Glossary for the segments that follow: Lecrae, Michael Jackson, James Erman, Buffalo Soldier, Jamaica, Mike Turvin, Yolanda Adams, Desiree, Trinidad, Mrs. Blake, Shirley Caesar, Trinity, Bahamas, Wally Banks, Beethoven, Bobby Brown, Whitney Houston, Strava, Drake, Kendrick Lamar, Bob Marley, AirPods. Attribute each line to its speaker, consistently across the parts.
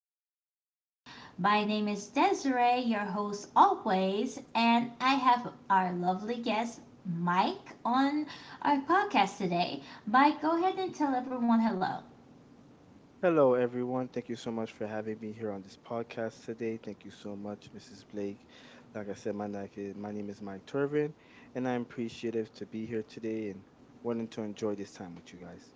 Speaker 1: Podcast. My name is Desiree, your host always, and I have our lovely guest, Mike, on our podcast today. Mike, go ahead and tell everyone hello.
Speaker 2: Hello, everyone. Thank you so much for having me here on this podcast today. Thank you so much, Mrs. Blake. Like I said, my name is Mike Turvin, and I'm appreciative to be here today and wanting to enjoy this time with you guys.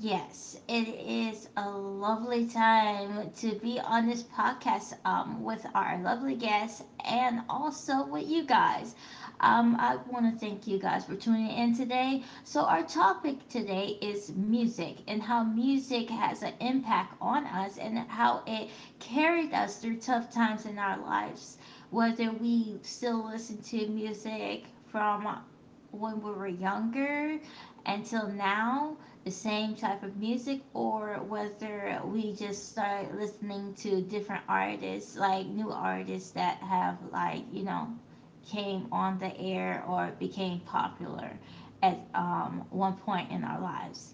Speaker 1: Yes, it is a lovely time to be on this podcast with our lovely guests and also with you guys. I want to thank you guys for tuning in today. So, our topic today is music and how music has an impact on us and how it carried us through tough times in our lives, whether we still listen to music from when we were younger until now the same type of music or whether we just start listening to different artists, like new artists that have came on the air or became popular at one point in our lives.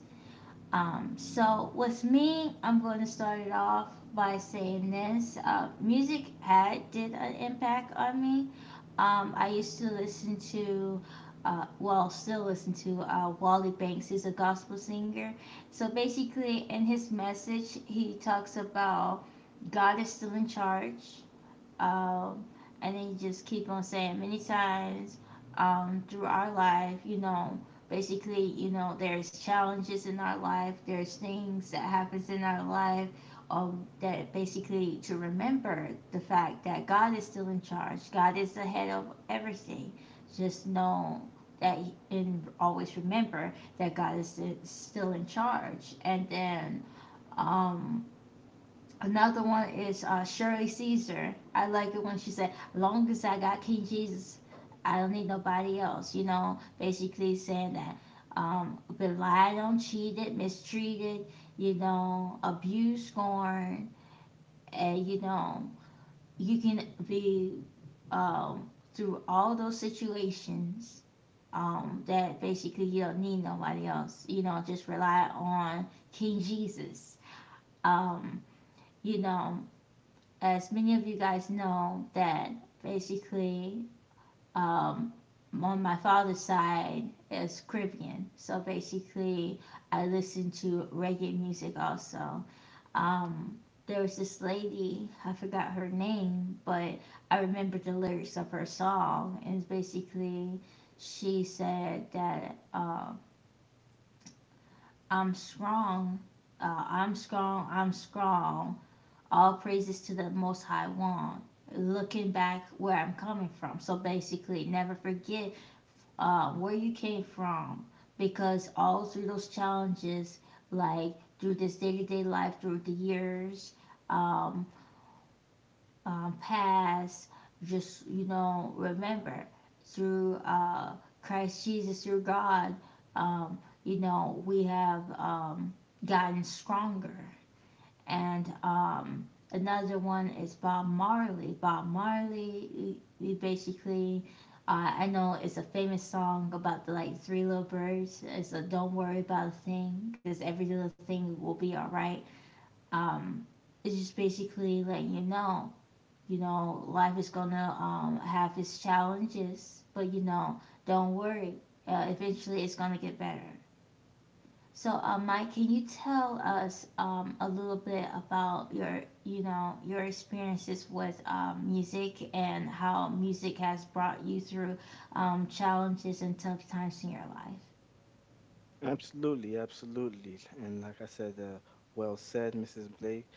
Speaker 1: So with me, I'm going to start it off by saying this. Music had did an impact on me. I used to listen to, well, still listen to Wally Banks. He's a gospel singer. So basically, in his message, he talks about God is still in charge. Um, and they just keep on saying many times through our life, you know, basically, you know, there's challenges in our life, there's things that happens in our life that basically to remember the fact that God is still in charge. God is the head of everything. Just know and always remember that God is still in charge. And then um, Another one is Shirley Caesar. I like it when she said, "Long as I got King Jesus, I don't need nobody else." You know, basically saying that been lied on, cheated, mistreated, you know, abused, scorned, and you know, you can be through all those situations that basically you don't need nobody else. You know, just rely on King Jesus. Um, you know, as many of you guys know, that basically um, on my father's side is Caribbean. So basically, I listen to reggae music also. Um, there was this lady, I forgot her name, but I remember the lyrics of her song. And basically, she said that I'm strong, I'm strong, all praises to the most high one, looking back where I'm coming from. So basically, never forget where you came from, because all through those challenges, like through this day-to-day life, through the years um, past, just, you know, remember through Christ Jesus, through God, um, you know, we have gotten stronger. And another one is Bob Marley. Bob Marley, we, basically, I know it's a famous song about the like three little birds. It's a don't worry about a thing because every little thing will be all right. Um, it's just basically letting you know, life is gonna have its challenges, but you know, don't worry. Eventually, it's gonna get better. So, Mike, can you tell us a little bit about your, you know, your experiences with music and how music has brought you through challenges and tough times in your life?
Speaker 2: Absolutely, absolutely. And like I said, well said, Mrs. Blake.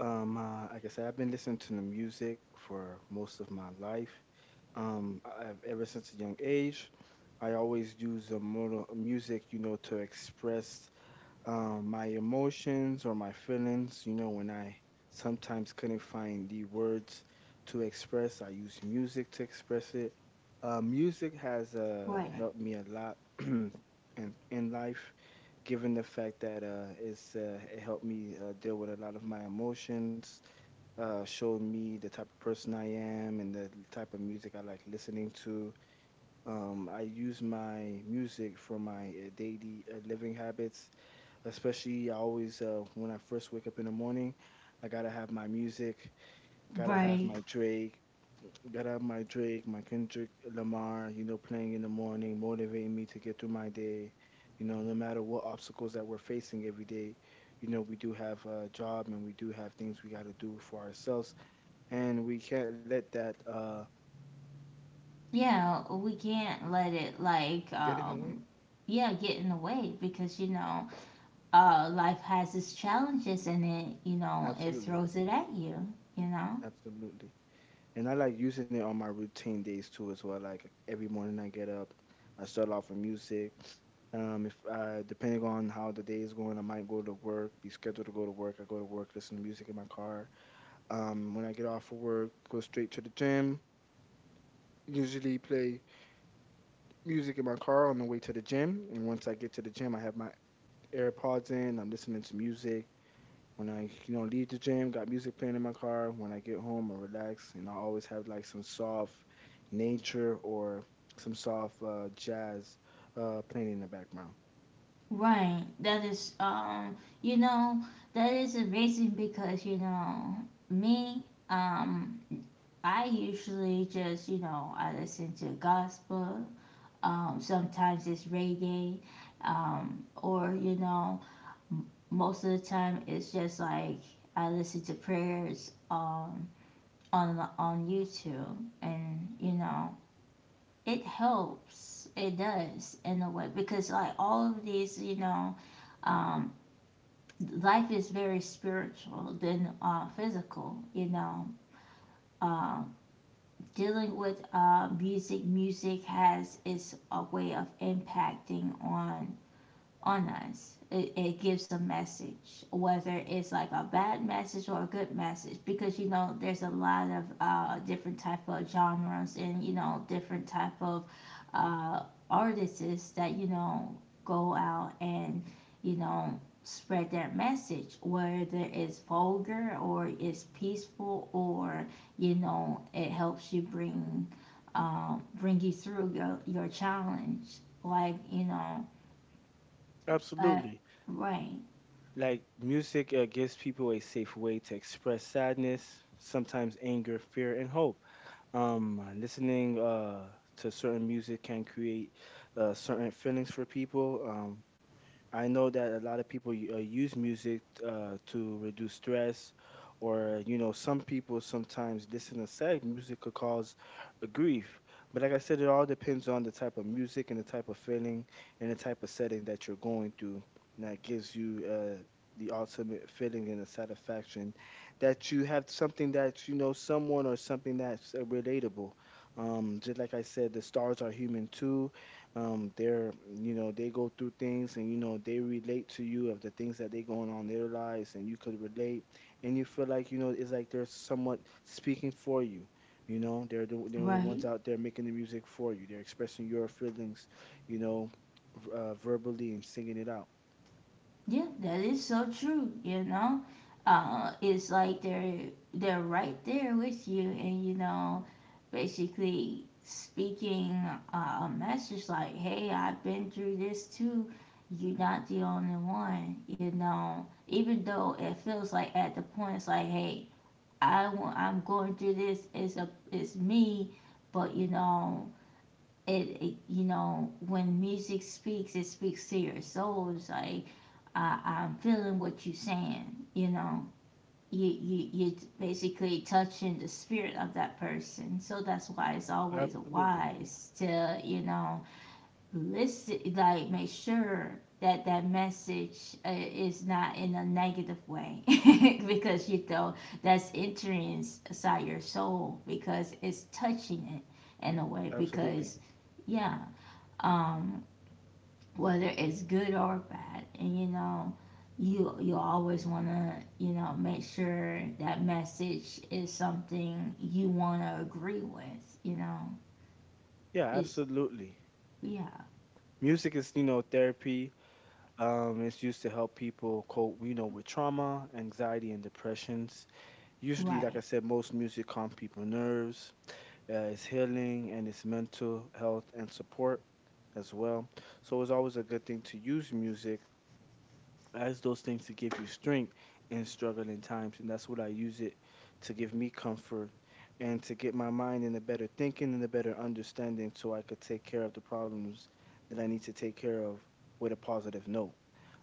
Speaker 2: Like I said, I've been listening to the music for most of my life. Ever since a young age, I always use a mono music, you know, to express my emotions or my feelings. You know, when I sometimes couldn't find the words to express, I use music to express it. Music has
Speaker 1: Right.
Speaker 2: helped me a lot in life, given the fact that it helped me deal with a lot of my emotions, showed me the type of person I am and the type of music I like listening to. I use my music for my daily living habits, especially. I always, when I first wake up in the morning, I gotta have my music, gotta have
Speaker 1: Right.
Speaker 2: my Drake, my Kendrick Lamar, you know, playing in the morning, motivating me to get through my day. You know, no matter what obstacles that we're facing every day, you know, we do have a job and we do have things we gotta do for ourselves, and we can't let that
Speaker 1: Yeah, we can't let it
Speaker 2: get in the way.
Speaker 1: yeah, get in the way because you know, life has its challenges and it, you know, it
Speaker 2: Absolutely,
Speaker 1: throws it at you, you know?
Speaker 2: absolutely. And I like using it on my routine days too as well. Like every morning I get up, I start off with music. If depending on how the day is going, I might go to work, be scheduled to go to work. I go to work, listen to music in my car. When I get off of work, go straight to the gym. Usually play music in my car on the way to the gym. And once I get to the gym, I have my AirPods in. I'm listening to music. When I, you know, leave the gym, got music playing in my car. When I get home, I relax, and I always have like some soft nature or some soft jazz playing in the background.
Speaker 1: Right. That is you know, that is amazing because, you know, me, um, I usually just, you know, I listen to gospel, sometimes it's reggae, or, you know, most of the time it's just like I listen to prayers on YouTube and you know, it helps. It does in a way because like all of these, you know, um, life is very spiritual than physical. You know, uh, dealing with music, music has its a way of impacting on us. It gives a message, whether it's like a bad message or a good message, because you know there's a lot of different type of genres, and you know different type of uh, artists that you know go out and you know spread that message, whether it's vulgar or it's peaceful, or you know it helps you bring bring you through your challenge like you know uh,
Speaker 2: Absolutely.
Speaker 1: right,
Speaker 2: Like music gives people a safe way to express sadness, sometimes anger, fear, and hope. Listening to certain music can create certain feelings for people. I know that a lot of people use music to reduce stress, or you know, some people sometimes listen to sad music could cause a grief. But like I said, it all depends on the type of music and the type of feeling and the type of setting that you're going through, and that gives you the ultimate feeling and the satisfaction that you have something that you know someone or something that's relatable. Just like I said, the stars are human too. You know, they go through things, and you know they relate to you of the things that they going on in their lives, and you could relate and you feel like, you know, it's like they're somewhat speaking for you. You know, they're the ones
Speaker 1: right.
Speaker 2: out there making the music for you. They're expressing your feelings, you know, verbally, and singing it out.
Speaker 1: Yeah, that is so true, you know. It's like they're right there with you and you know, basically speaking a message like, "Hey, I've been through this too. You're not the only one." You know, even though it feels like at the point it's like, "Hey, I'm going through this. It's me." But you know, you know when music speaks, it speaks to your soul. It's like I'm feeling what you're saying, you know. You're basically touching the spirit of that person, so that's why it's always
Speaker 2: Absolutely,
Speaker 1: wise to you know listen, like make sure that that message is not in a negative way, because you know that's entering inside your soul because it's touching it in a way
Speaker 2: absolutely.
Speaker 1: because yeah, um, whether it's good or bad. And you know, you always want to you know make sure that message is something you want to agree with. You know,
Speaker 2: Yeah,
Speaker 1: it's
Speaker 2: absolutely.
Speaker 1: yeah,
Speaker 2: Music is, you know, therapy. Um, it's used to help people cope, you know, with trauma, anxiety, and depressions. Usually, like I
Speaker 1: right,
Speaker 2: said, most music calms people nerves. It's healing and it's mental health and support as well. So it's always a good thing to use music as those things to give you strength in struggling times. And that's what I use it, to give me comfort and to get my mind in a better thinking and a better understanding so I could take care of the problems that I need to take care of with a positive note.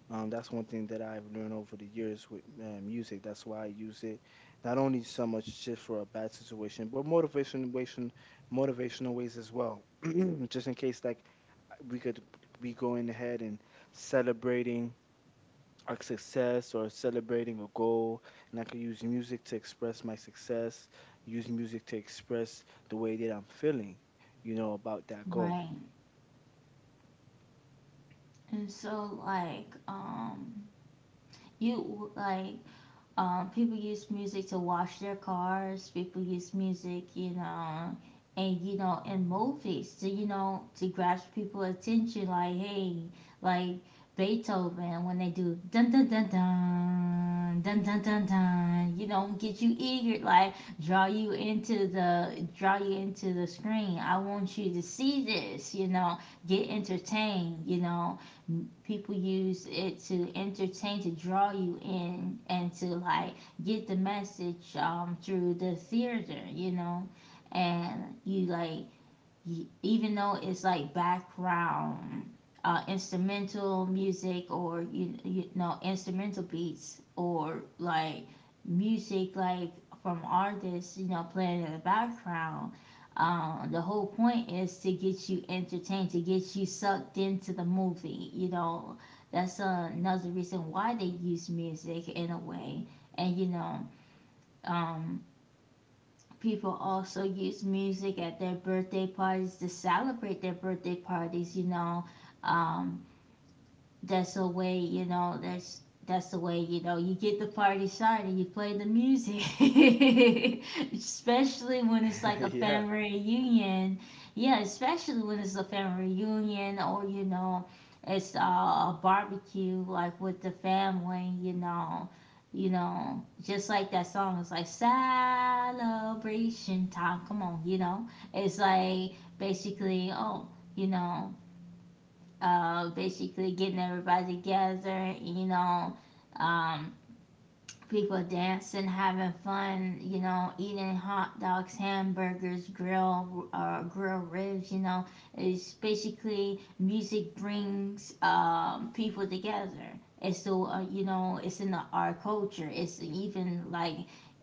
Speaker 2: That's one thing that I've learned over the years with music. That's why I use it not only so much just for a bad situation, but motivational ways as well. Just in case, like, we could be going ahead and celebrating a success or celebrating a goal, and I could use music to express my success, use music to express the way that I'm feeling, you know, about that goal.
Speaker 1: right. And so you like, people use music to wash their cars. People use music, you know, and you know, in movies to you know to grasp people's attention. Like hey, like Beethoven when they do dun dun dun dun dun dun dun dun. You know, get you eager, like draw you into the screen. I want you to see this. You know, get entertained. You know, people use it to entertain, to draw you in, and to like get the message through the theater, you know. And you like, even though it's like background instrumental music, or you know, instrumental beats, or like music like from artists you know playing in the background, the whole point is to get you entertained, to get you sucked into the movie, you know. That's another reason why they use music in a way. And you know, um, people also use music at their birthday parties to celebrate their birthday parties, you know, um that's the way you know, that's the way you know you get the party started, you play the music especially when it's like a
Speaker 2: Yeah.
Speaker 1: family reunion, yeah, especially when it's a family reunion or you know it's a barbecue like with the family, you know. You know just like that song, it's like celebration time come on, you know. It's like basically, oh, you know, basically getting everybody together, you know, um, people dancing, having fun, you know, eating hot dogs, hamburgers, grill, grill ribs, you know. It's basically music brings people together. You know, it's in our culture. It's even like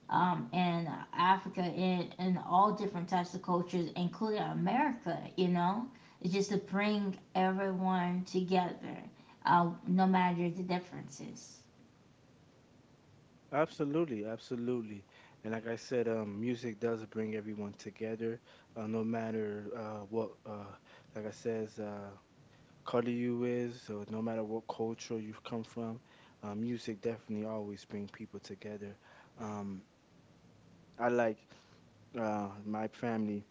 Speaker 1: in Africa and in all different types of cultures, including America, you know. It's just to bring everyone together, no matter the differences.
Speaker 2: Absolutely, absolutely. And like I said, music does bring everyone together, no matter like I says, color you is, or no matter what culture you've come from, music definitely always bring people together. Um, I like my family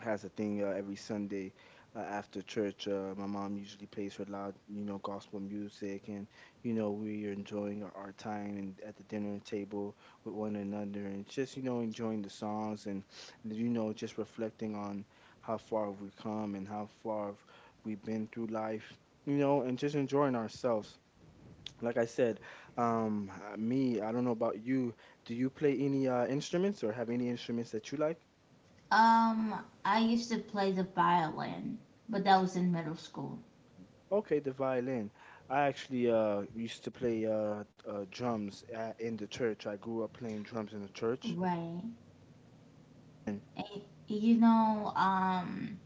Speaker 2: has a thing every Sunday after church. My mom usually plays her loud, you know, gospel music, and you know we are enjoying our time and at the dinner table with one another, and just, you know, enjoying the songs and, you know, just reflecting on how far we've come and how far we've been through life, you know, and just enjoying ourselves. Like I said, me, I don't know about you. Do you play any instruments or have any instruments that you like?
Speaker 1: Um, I used to play the violin, but that was in middle school.
Speaker 2: Okay, the violin. I actually used to play drums at, in the church. I grew up playing drums in the church.
Speaker 1: Right.
Speaker 2: And
Speaker 1: Eh, You know,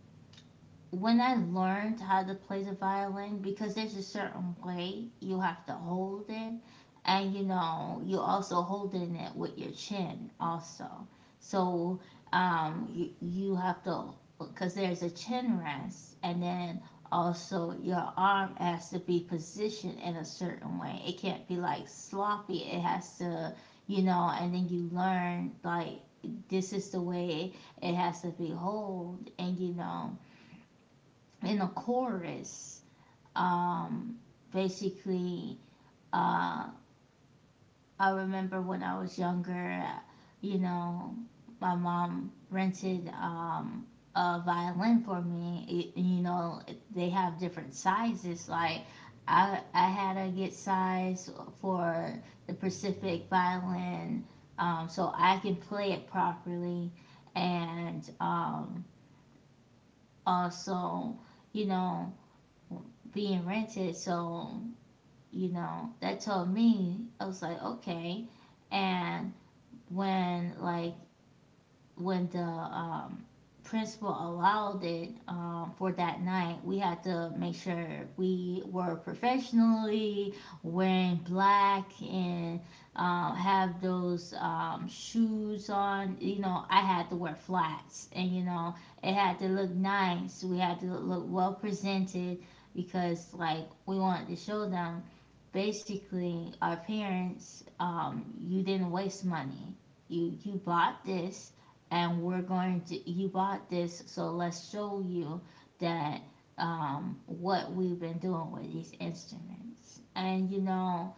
Speaker 1: when I learned how to play the violin, because there's a certain way you have to hold it, and you know, you're also holding it with your chin, also. So you have to, because there's a chin rest, and then also your arm has to be positioned in a certain way. It can't be like sloppy, it has to, you know, and then you learn like this is the way it has to be hold, and you know in a chorus. Um, Basically, uh, I remember when I was younger, you know, my mom rented a violin for me. You know, they have different sizes. Like, I had to get size for the Pacific violin so I can play it properly. And also, you know, being rented. So you know, that told me, I was like, okay. And when like when the principal allowed it for that night, we had to make sure we were professionally wearing black and have those shoes on. You know, I had to wear flats, and you know, it had to look nice. We had to look well presented because, like, we wanted to show them, basically our parents, you didn't waste money. You bought this, and we're going to you bought this so let's show you that what we've been doing with these instruments. And you know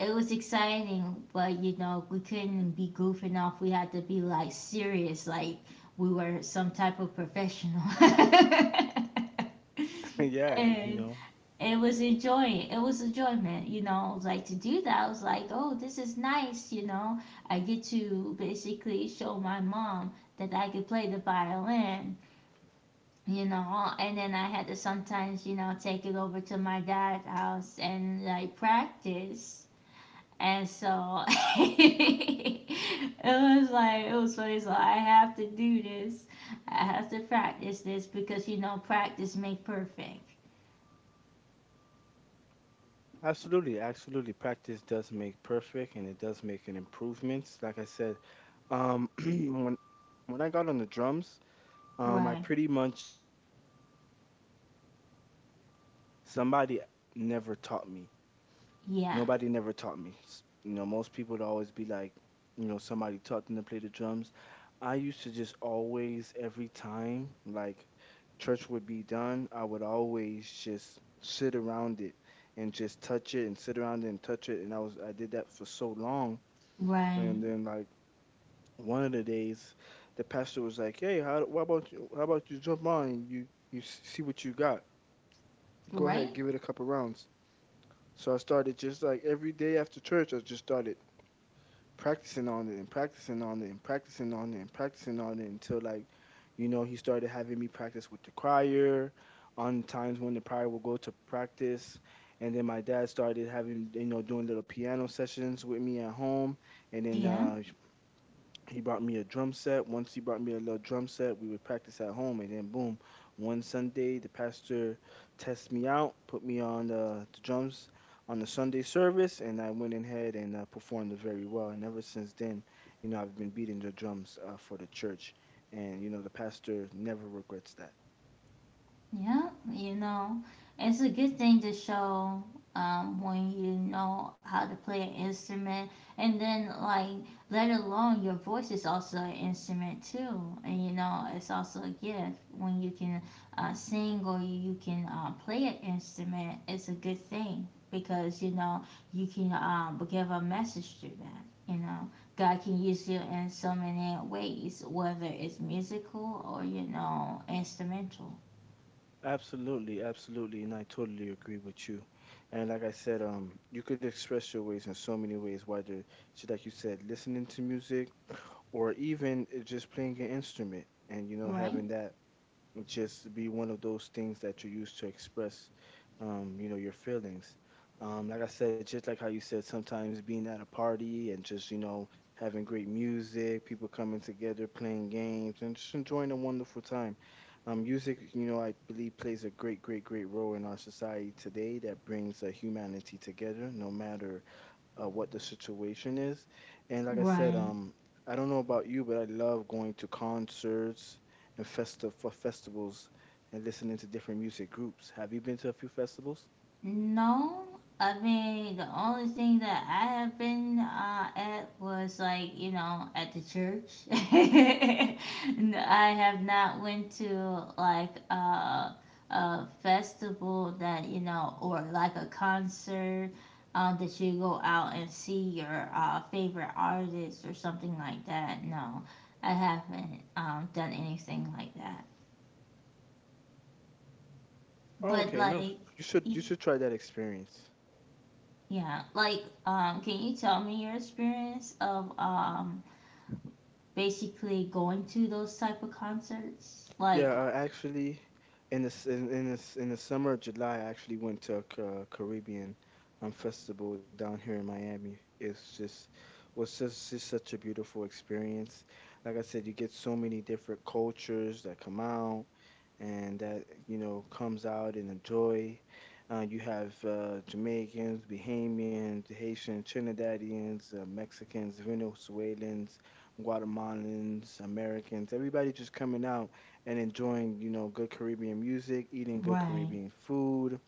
Speaker 1: it was exciting, but you know we couldn't be goofing off, we had to be like serious, like we were some type of professional.
Speaker 2: yeah, you
Speaker 1: And
Speaker 2: know,
Speaker 1: it was a joy. It was a joy, man. You know, like to do that. I was like, oh, this is nice. I get to basically show my mom that I could play the violin. You know, and then I had to sometimes, take it over to my dad's house and like practice. And so it it was funny. So I have to do this. I have to practice this because practice make perfect.
Speaker 2: absolutely, absolutely. Practice does make perfect, and it does make an improvements. Like I said, um, when when I got on the drums, I
Speaker 1: Right.
Speaker 2: pretty much somebody never taught me.
Speaker 1: Yeah.
Speaker 2: Nobody never taught me. You know, most people would always be like, you know, somebody taught them to play the drums. I used to just always, every time, like church would be done, I would always just sit around it and just touch it and sit around it and touch it. And I did that for so long.
Speaker 1: Right.
Speaker 2: And then, like, one of the days, the pastor was like, "Hey, how, why about you? How about you jump on and see what you got. Go ahead,
Speaker 1: Right?
Speaker 2: give it a couple rounds." So I started just like every day after church, I just started practicing on it and practicing on it and practicing on it and practicing on it until, like, you know, he started having me practice with the crier on times when the prior would go to practice, and then my dad started, having, you know, doing little piano sessions with me at home, and then
Speaker 1: Yeah.
Speaker 2: he brought me a drum set. Once he brought me a little drum set, we would practice at home. And then, boom, one Sunday, the pastor tested me out, put me on the drums on the Sunday service, and I went in ahead and performed very well. And ever since then, you know, I've been beating the drums for the church. And, you know, the pastor never regrets that.
Speaker 1: Yeah, you know, it's a good thing to show, when you know how to play an instrument, and then like let alone your voice is also an instrument too, and it's also a gift when you can sing or you can play an instrument. It's a good thing because you can give a message through that. You know, God can use you in so many ways, whether it's musical or instrumental.
Speaker 2: Absolutely, absolutely, and I totally agree with you. And like I said, you could express your ways in so many ways, whether it's like you said, listening to music, or even just playing an instrument, and you know
Speaker 1: Right.
Speaker 2: having that just be one of those things that you use to express, you know, your feelings. Like I said, just like how you said, sometimes being at a party and just, you know, having great music, people coming together, playing games, and just enjoying a wonderful time. Music, you know, I believe plays a great role in our society today that brings humanity together, no matter what the situation is. And like I said,
Speaker 1: Right.
Speaker 2: I don't know about you, but I love going to concerts and festa for festivals and listening to different music groups. Have you been to a few festivals?
Speaker 1: No, I mean the only thing that I have been at was like at the church. And I have not went to like a festival that or like a concert, that you go out and see your favorite artist or something like that. No, I haven't done anything like that.
Speaker 2: Oh,
Speaker 1: But
Speaker 2: okay, no,
Speaker 1: like
Speaker 2: you should try that experience.
Speaker 1: yeah, like, can you tell me your experience of basically going to those type of concerts?
Speaker 2: Yeah,
Speaker 1: Like,
Speaker 2: actually, in the in the summer of July, I actually went to a Caribbean festival down here in Miami. It's just just such a beautiful experience. Like I said, you get so many different cultures that come out and that, you know, comes out in a joy. You have Jamaicans, Bahamians, Haitian, Trinidadians, Mexicans, Venezuelans, Guatemalans, Americans. Everybody just coming out and enjoying, you know, good Caribbean music, eating good
Speaker 1: right,
Speaker 2: Caribbean food.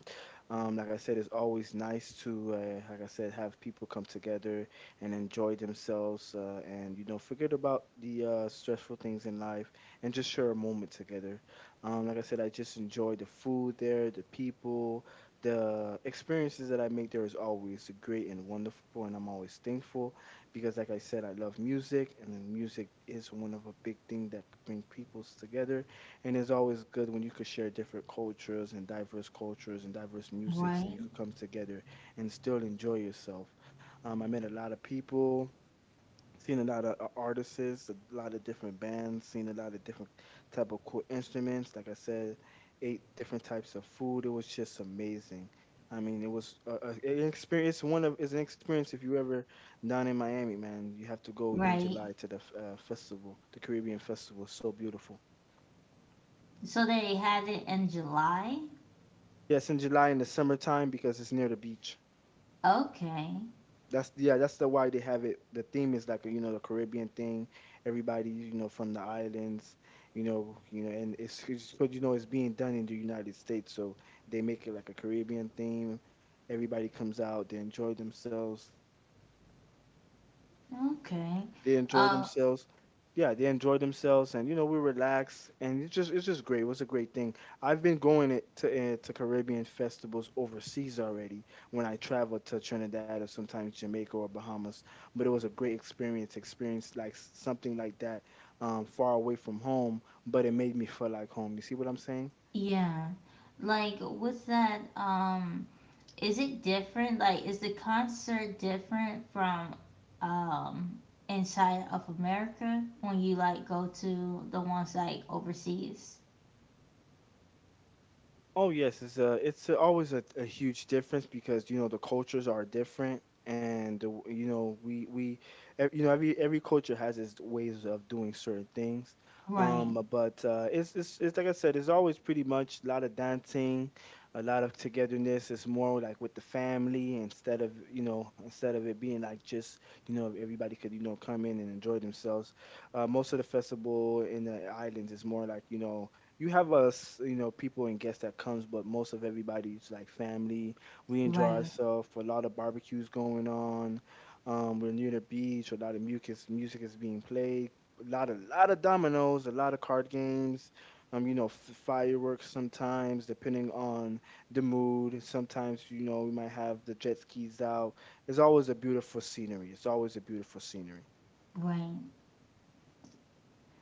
Speaker 2: Um, like I said, it's always nice to, like I said, have people come together and enjoy themselves, and you know, forget about the stressful things in life and just share a moment together. Like I said, I just enjoy the food there, the people, the experiences that I make there is always great and wonderful, and I'm always thankful because, like I said, I love music, and then music is one of a big thing that bring peoples together and it's always good when you could share different cultures and diverse musics,
Speaker 1: right,
Speaker 2: and you could come together and still enjoy yourself. I met a lot of people, seen a lot of artists, a lot of different bands, seen a lot of different type of cool instruments. Like I said, ate different types of food. It was just amazing. I mean, it was an experience. One of it's an experience if you ever down in Miami, man. You have to go in
Speaker 1: right.
Speaker 2: July to the festival, the Caribbean festival. So beautiful.
Speaker 1: So they had it in July?
Speaker 2: Yes, in July in the summertime because it's near the beach.
Speaker 1: Okay,
Speaker 2: That's, yeah, that's the why they have it. The theme is like, the Caribbean thing. Everybody, from the islands, and but it's being done in the United States, so they make it like a Caribbean theme. Everybody comes out, they enjoy themselves.
Speaker 1: okay.
Speaker 2: They enjoy
Speaker 1: Uh,
Speaker 2: themselves. Yeah, they enjoy themselves, and we relax, and it's just great. It was a great thing. I've been going to Caribbean festivals overseas already when I traveled to Trinidad or sometimes Jamaica or Bahamas, but it was a great experience. Experience like something like that, far away from home, but it made me feel like home. You see what I'm saying?
Speaker 1: yeah. Like with that, is it different? Like, is the concert different from, um inside of America when you like go to the ones like overseas?
Speaker 2: Oh yes, always a huge difference because the cultures are different and every culture has its ways of doing certain things.
Speaker 1: Right,
Speaker 2: But it's like I said, it's always pretty much a lot of dancing, a lot of togetherness. It's more like with the family instead of it being like just, everybody could, come in and enjoy themselves. Most of the festival in the islands is more like, you have us, people and guests that comes, but most of everybody's like family. We enjoy
Speaker 1: right,
Speaker 2: ourselves. A lot of barbecues going on. We're near the beach. A lot of mucus music is being played. A lot of dominoes. A lot of card games. Fireworks sometimes, depending on the mood. Sometimes, we might have the jet skis out. It's always a beautiful scenery. It's always a beautiful scenery.
Speaker 1: right.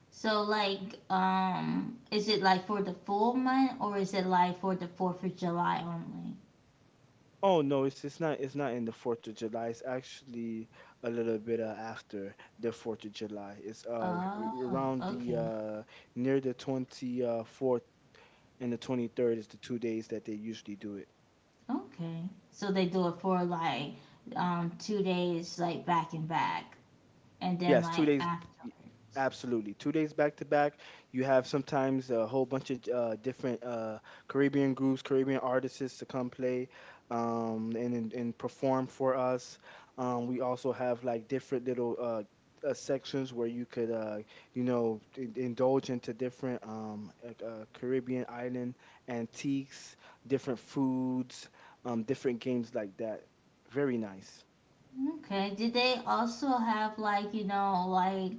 Speaker 1: So like, is it like for the full month or is it like for the Fourth of July only?
Speaker 2: Oh no, it's not in the Fourth of July. It's actually a little bit after the Fourth of July. It's
Speaker 1: Oh,
Speaker 2: around the
Speaker 1: okay,
Speaker 2: near the twenty fourth, and the 23rd is the 2 days that they usually do it.
Speaker 1: okay. So they do it for like, two days like back and back, and then
Speaker 2: Yes, two
Speaker 1: like
Speaker 2: days,
Speaker 1: afterwards.
Speaker 2: absolutely. 2 days back to back. You have sometimes a whole bunch of different Caribbean groups, Caribbean artists to come play, and perform for us. We also have like different little sections where you could, indulge into different Caribbean island antiques, different foods, different games like that. Very nice.
Speaker 1: Okay. Did they also have like, you know, like,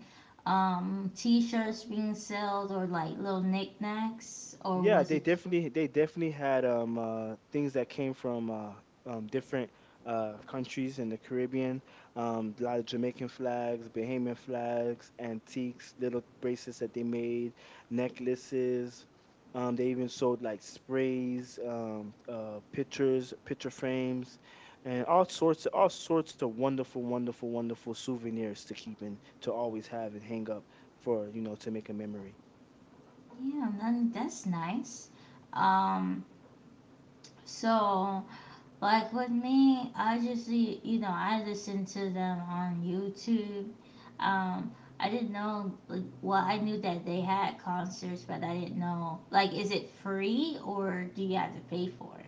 Speaker 1: t-shirts being sold or like little knickknacks or
Speaker 2: Yeah,
Speaker 1: was
Speaker 2: they
Speaker 1: it
Speaker 2: definitely they definitely had things that came from different countries in the Caribbean. A lot of Jamaican flags, Bahamian flags, antiques, little bracelets that they made, necklaces. They even sold like sprays, pictures, picture frames, and all sorts of wonderful, wonderful, wonderful souvenirs to keep and to always have and hang up for, to make a memory.
Speaker 1: yeah, then that's nice. Um, so like with me, I just you know I listen to them on YouTube. Um, I didn't know like well I knew that they had concerts, but I didn't know like is it free or do you have to pay for it?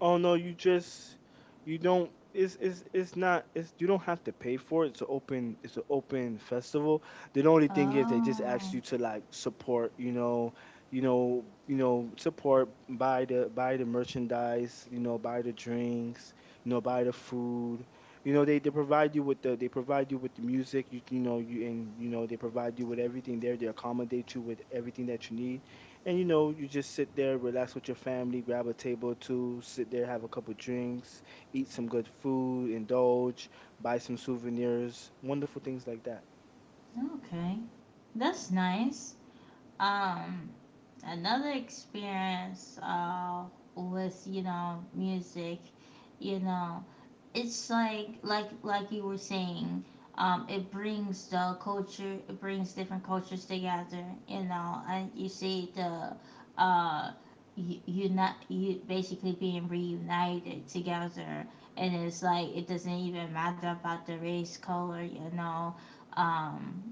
Speaker 2: Oh no, you don't it's not it's you don't have to pay for it. It's an open festival. The only thing is they just ask
Speaker 1: Oh,
Speaker 2: you to like support, support, buy the merchandise, buy the drinks, buy the food. They provide you with the music, you know, you and you know, they provide you with everything there. They accommodate you with everything that you need. And you just sit there, relax with your family, grab a table or two, sit there, have a couple drinks, eat some good food, indulge, buy some souvenirs, wonderful things like that.
Speaker 1: okay, that's nice. Um, another experience with music, you know it's like you were saying, it brings the culture, it brings different cultures together and you see the uh you, you not you basically being reunited together and it's like it doesn't even matter about the race color, um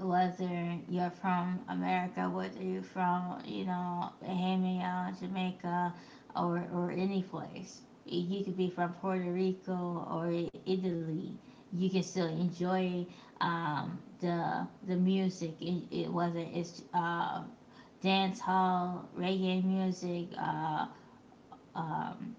Speaker 1: whether you're from America, whether you're from, you know, Bahama, Jamaica, or, any place. You could be from Puerto Rico or Italy. You can still enjoy, the, music, whether it's dance hall, reggae music, um,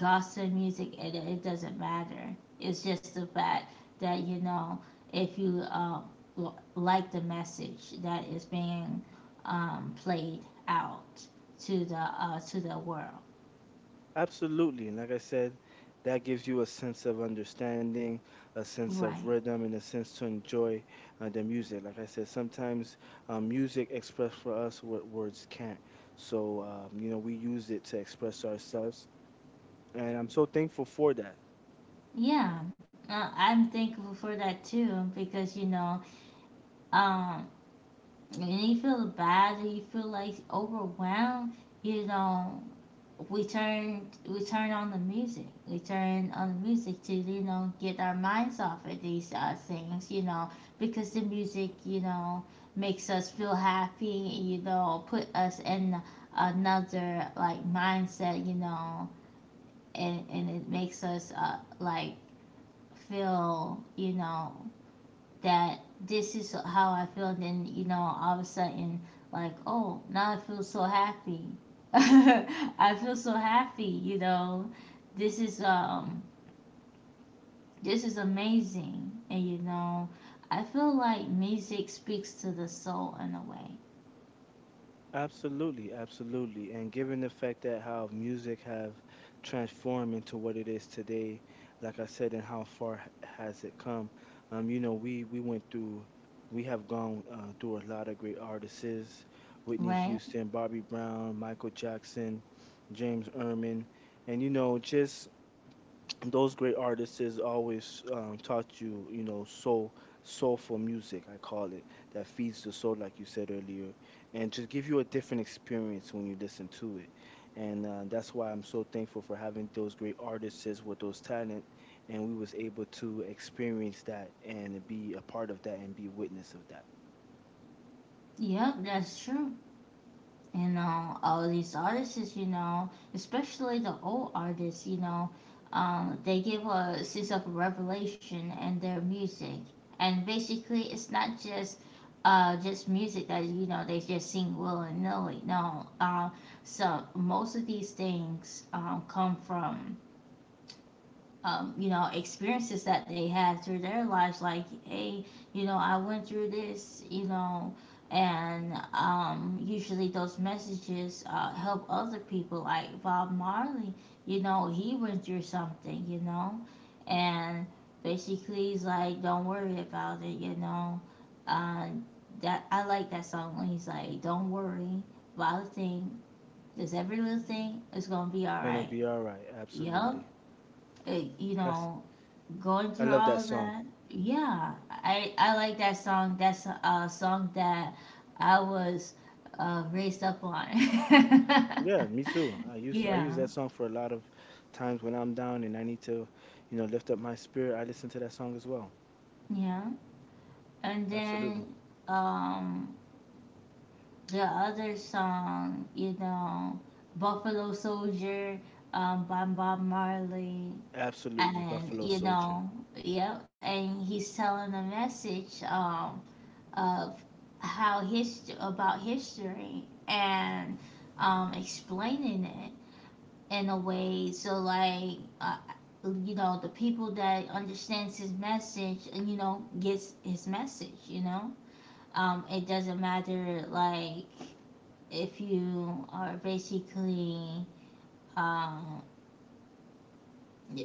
Speaker 1: gospel music, and it doesn't matter. It's just the fact that if you like the message that is being played out to the, to the world.
Speaker 2: Absolutely. And like I said, that gives you a sense of understanding, a sense of
Speaker 1: Right.
Speaker 2: rhythm, and a sense to enjoy the music. Like I said, sometimes music express for us what words can't. So, we use it to express ourselves. And I'm so thankful for that.
Speaker 1: Yeah, I'm thankful for that too because um, when you feel bad and you feel like overwhelmed, you know we turned on the music. We turned on the music to get our minds off of these, things, you know, because the music, makes us feel happy. You know, put us in another like mindset. You know, and it makes us, like feel that this is how I feel. And then, you know, all of a sudden, like, oh, now I feel so happy. I feel so happy, you know. This is um this is amazing. And you know, I feel like music speaks to the soul in a way,
Speaker 2: Absolutely, absolutely. And given the fact that how music have transformed into what it is today, like I said, and how far has it come? Um, you know, we we went through, we have gone through a lot of great artists: Whitney
Speaker 1: right?
Speaker 2: Houston, Bobby Brown, Michael Jackson, James Erman, and just those great artists is always taught you, soul, soulful music, I call it, that feeds the soul, like you said earlier, and just give you a different experience when you listen to it. And that's why I'm so thankful for having those great artists is with those talent, and we was able to experience that and be a part of that and be witness of that.
Speaker 1: Yep, that's true. You know all these artists you know especially the old artists, they give a sense of revelation in their music and basically it's not just, just music that they just sing willy-nilly. No, so most of these things, come from, you know, experiences that they had through their lives. Like, hey, you know, I went through this, you know, and usually those messages, help other people. Like Bob Marley, you know, he went through something, you know, and basically he's like, don't worry about it, you know. Uh, that I like that song when he's like, don't worry about a thing. 'Cause every little thing is gonna be all
Speaker 2: Gonna
Speaker 1: right.
Speaker 2: be all right,
Speaker 1: Yup.
Speaker 2: absolutely.
Speaker 1: It, you
Speaker 2: That's
Speaker 1: know, going
Speaker 2: I
Speaker 1: through
Speaker 2: love that
Speaker 1: all of
Speaker 2: song.
Speaker 1: that, yeah, I like that song. That's a, song that I was, raised up on.
Speaker 2: Yeah, me too. I use I use
Speaker 1: Yeah,
Speaker 2: that song for a lot of times when I'm down and I need to, lift up my spirit. I listen to that song as well.
Speaker 1: yeah, and
Speaker 2: Absolutely.
Speaker 1: then um the other song, you know, Buffalo Soldier, by Bob Marley.
Speaker 2: Absolutely,
Speaker 1: And
Speaker 2: Buffalo
Speaker 1: you
Speaker 2: Soldier.
Speaker 1: know, yep, and he's telling a message, of how about history and, explaining it in a way so like, you know the people that understands his message, you know gets his message, you know, it doesn't matter like if you are basically, um,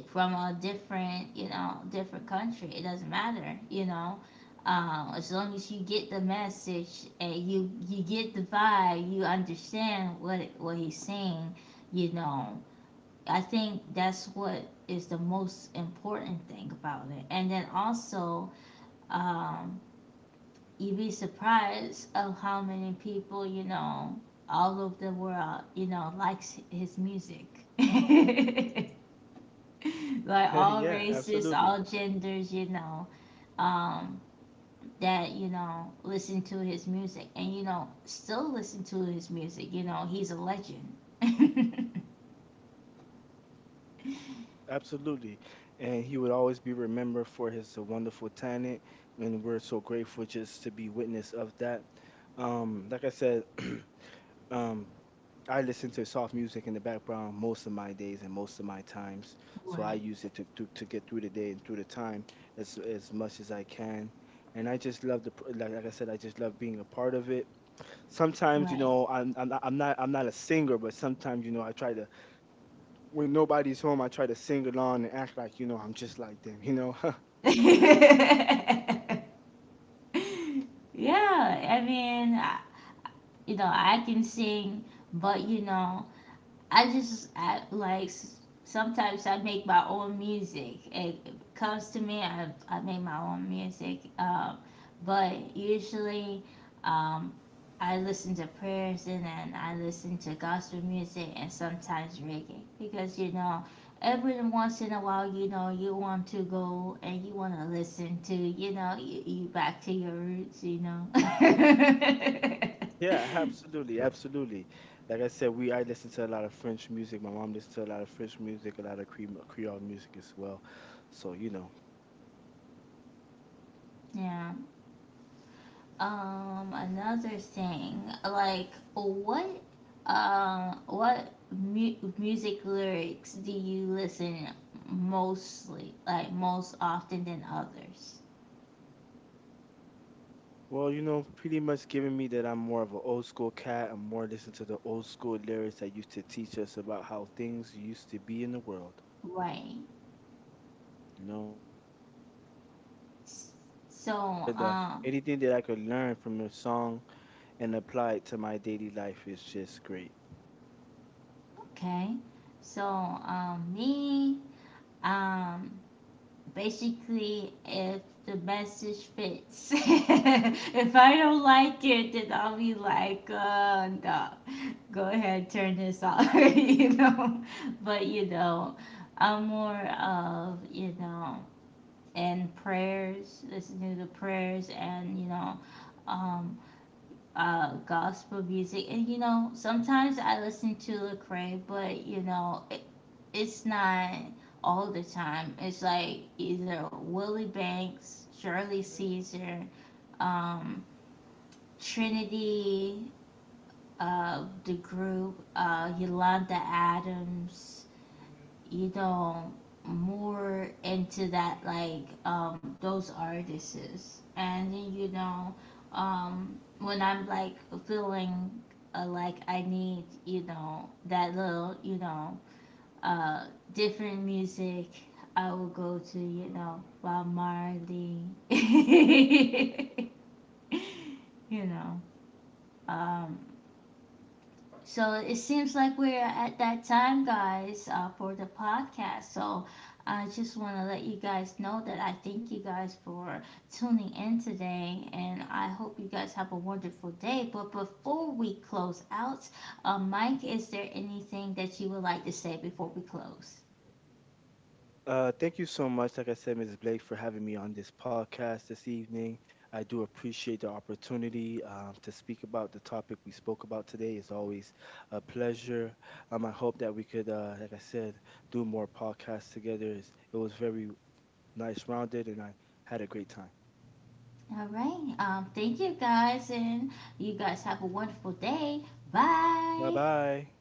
Speaker 1: from a different, you know, different country. It doesn't matter, you know. As long as you get the message and you get the vibe, you understand what he's saying, you know. I think that's what is the most important thing about it. And then also, um, you'd be surprised of how many people, you know, all over the world, you know, likes his music. Like all
Speaker 2: Yeah,
Speaker 1: races,
Speaker 2: absolutely.
Speaker 1: all genders, you know, um, that, you know, listen to his music and, you know, still listen to his music. You know, he's a legend.
Speaker 2: Absolutely. And he would always be remembered for his wonderful talent, and we're so grateful just to be witness of that. Like I said, Um, I listen to soft music in the background most of my days and most of my times. So I
Speaker 1: Right,
Speaker 2: use it to get through the day and through the time as much as I can. And I just love the like I said, I just love being a part of it. Sometimes,
Speaker 1: right.
Speaker 2: I'm not a singer, but sometimes, I try to when nobody's home, I try to sing along and act like, I'm just like them.
Speaker 1: Yeah, I mean, you know, I can sing, but, you know, like sometimes I make my own music. It comes to me, I make my own music. But usually, um, I listen to prayers and then I listen to gospel music and sometimes reggae because every once in a while you want to go and you want to listen to, you back to your roots, you know.
Speaker 2: Yeah, absolutely. Yeah, absolutely. Like I said, we I listen to a lot of French music. My mom listens to a lot of French music, a lot of Creole music as well. So
Speaker 1: Yeah. Another thing, like what music lyrics do you listen mostly, like most often than others?
Speaker 2: well, pretty much giving me that I'm more of an old school cat. I'm more listening to the old school lyrics that used to teach us about how things used to be in the world.
Speaker 1: Right.
Speaker 2: You know,
Speaker 1: S- So,
Speaker 2: and anything that I could learn from a song and apply it to my daily life is just great.
Speaker 1: okay. So, me, um, basically if the message fits. If I don't like it, then I'll be like, no, go ahead, turn this off. You know, but you know, I'm more of you know, and prayers, listening to the prayers, and you know, um, gospel music. And you know, sometimes I listen to Lecrae, but you know, it's not all the time. It's like either Willie Banks, Shirley Caesar, um, Trinity, the group, Yolanda Adams, you know, more into that like those artists. And then, you know, when I'm like feeling, like I need you know that little you know uh different music, I will go to you know Bob Marley. You know, um so it seems like we're at that time, guys, for the podcast. So I just want to let you guys know that I thank you guys for tuning in today, and I hope you guys have a wonderful day. But before we close out, Mike, is there anything that you would like to say before we close?
Speaker 2: Thank you so much, like I said, Mrs. Blake, for having me on this podcast this evening. I do appreciate the opportunity to speak about the topic we spoke about today. It's always a pleasure. I hope that we could, like I said, do more podcasts together. It was very nice, rounded, and I had a great time.
Speaker 1: All right. Thank you guys, and you guys have a wonderful day.
Speaker 2: Bye
Speaker 1: Bye.
Speaker 2: bye.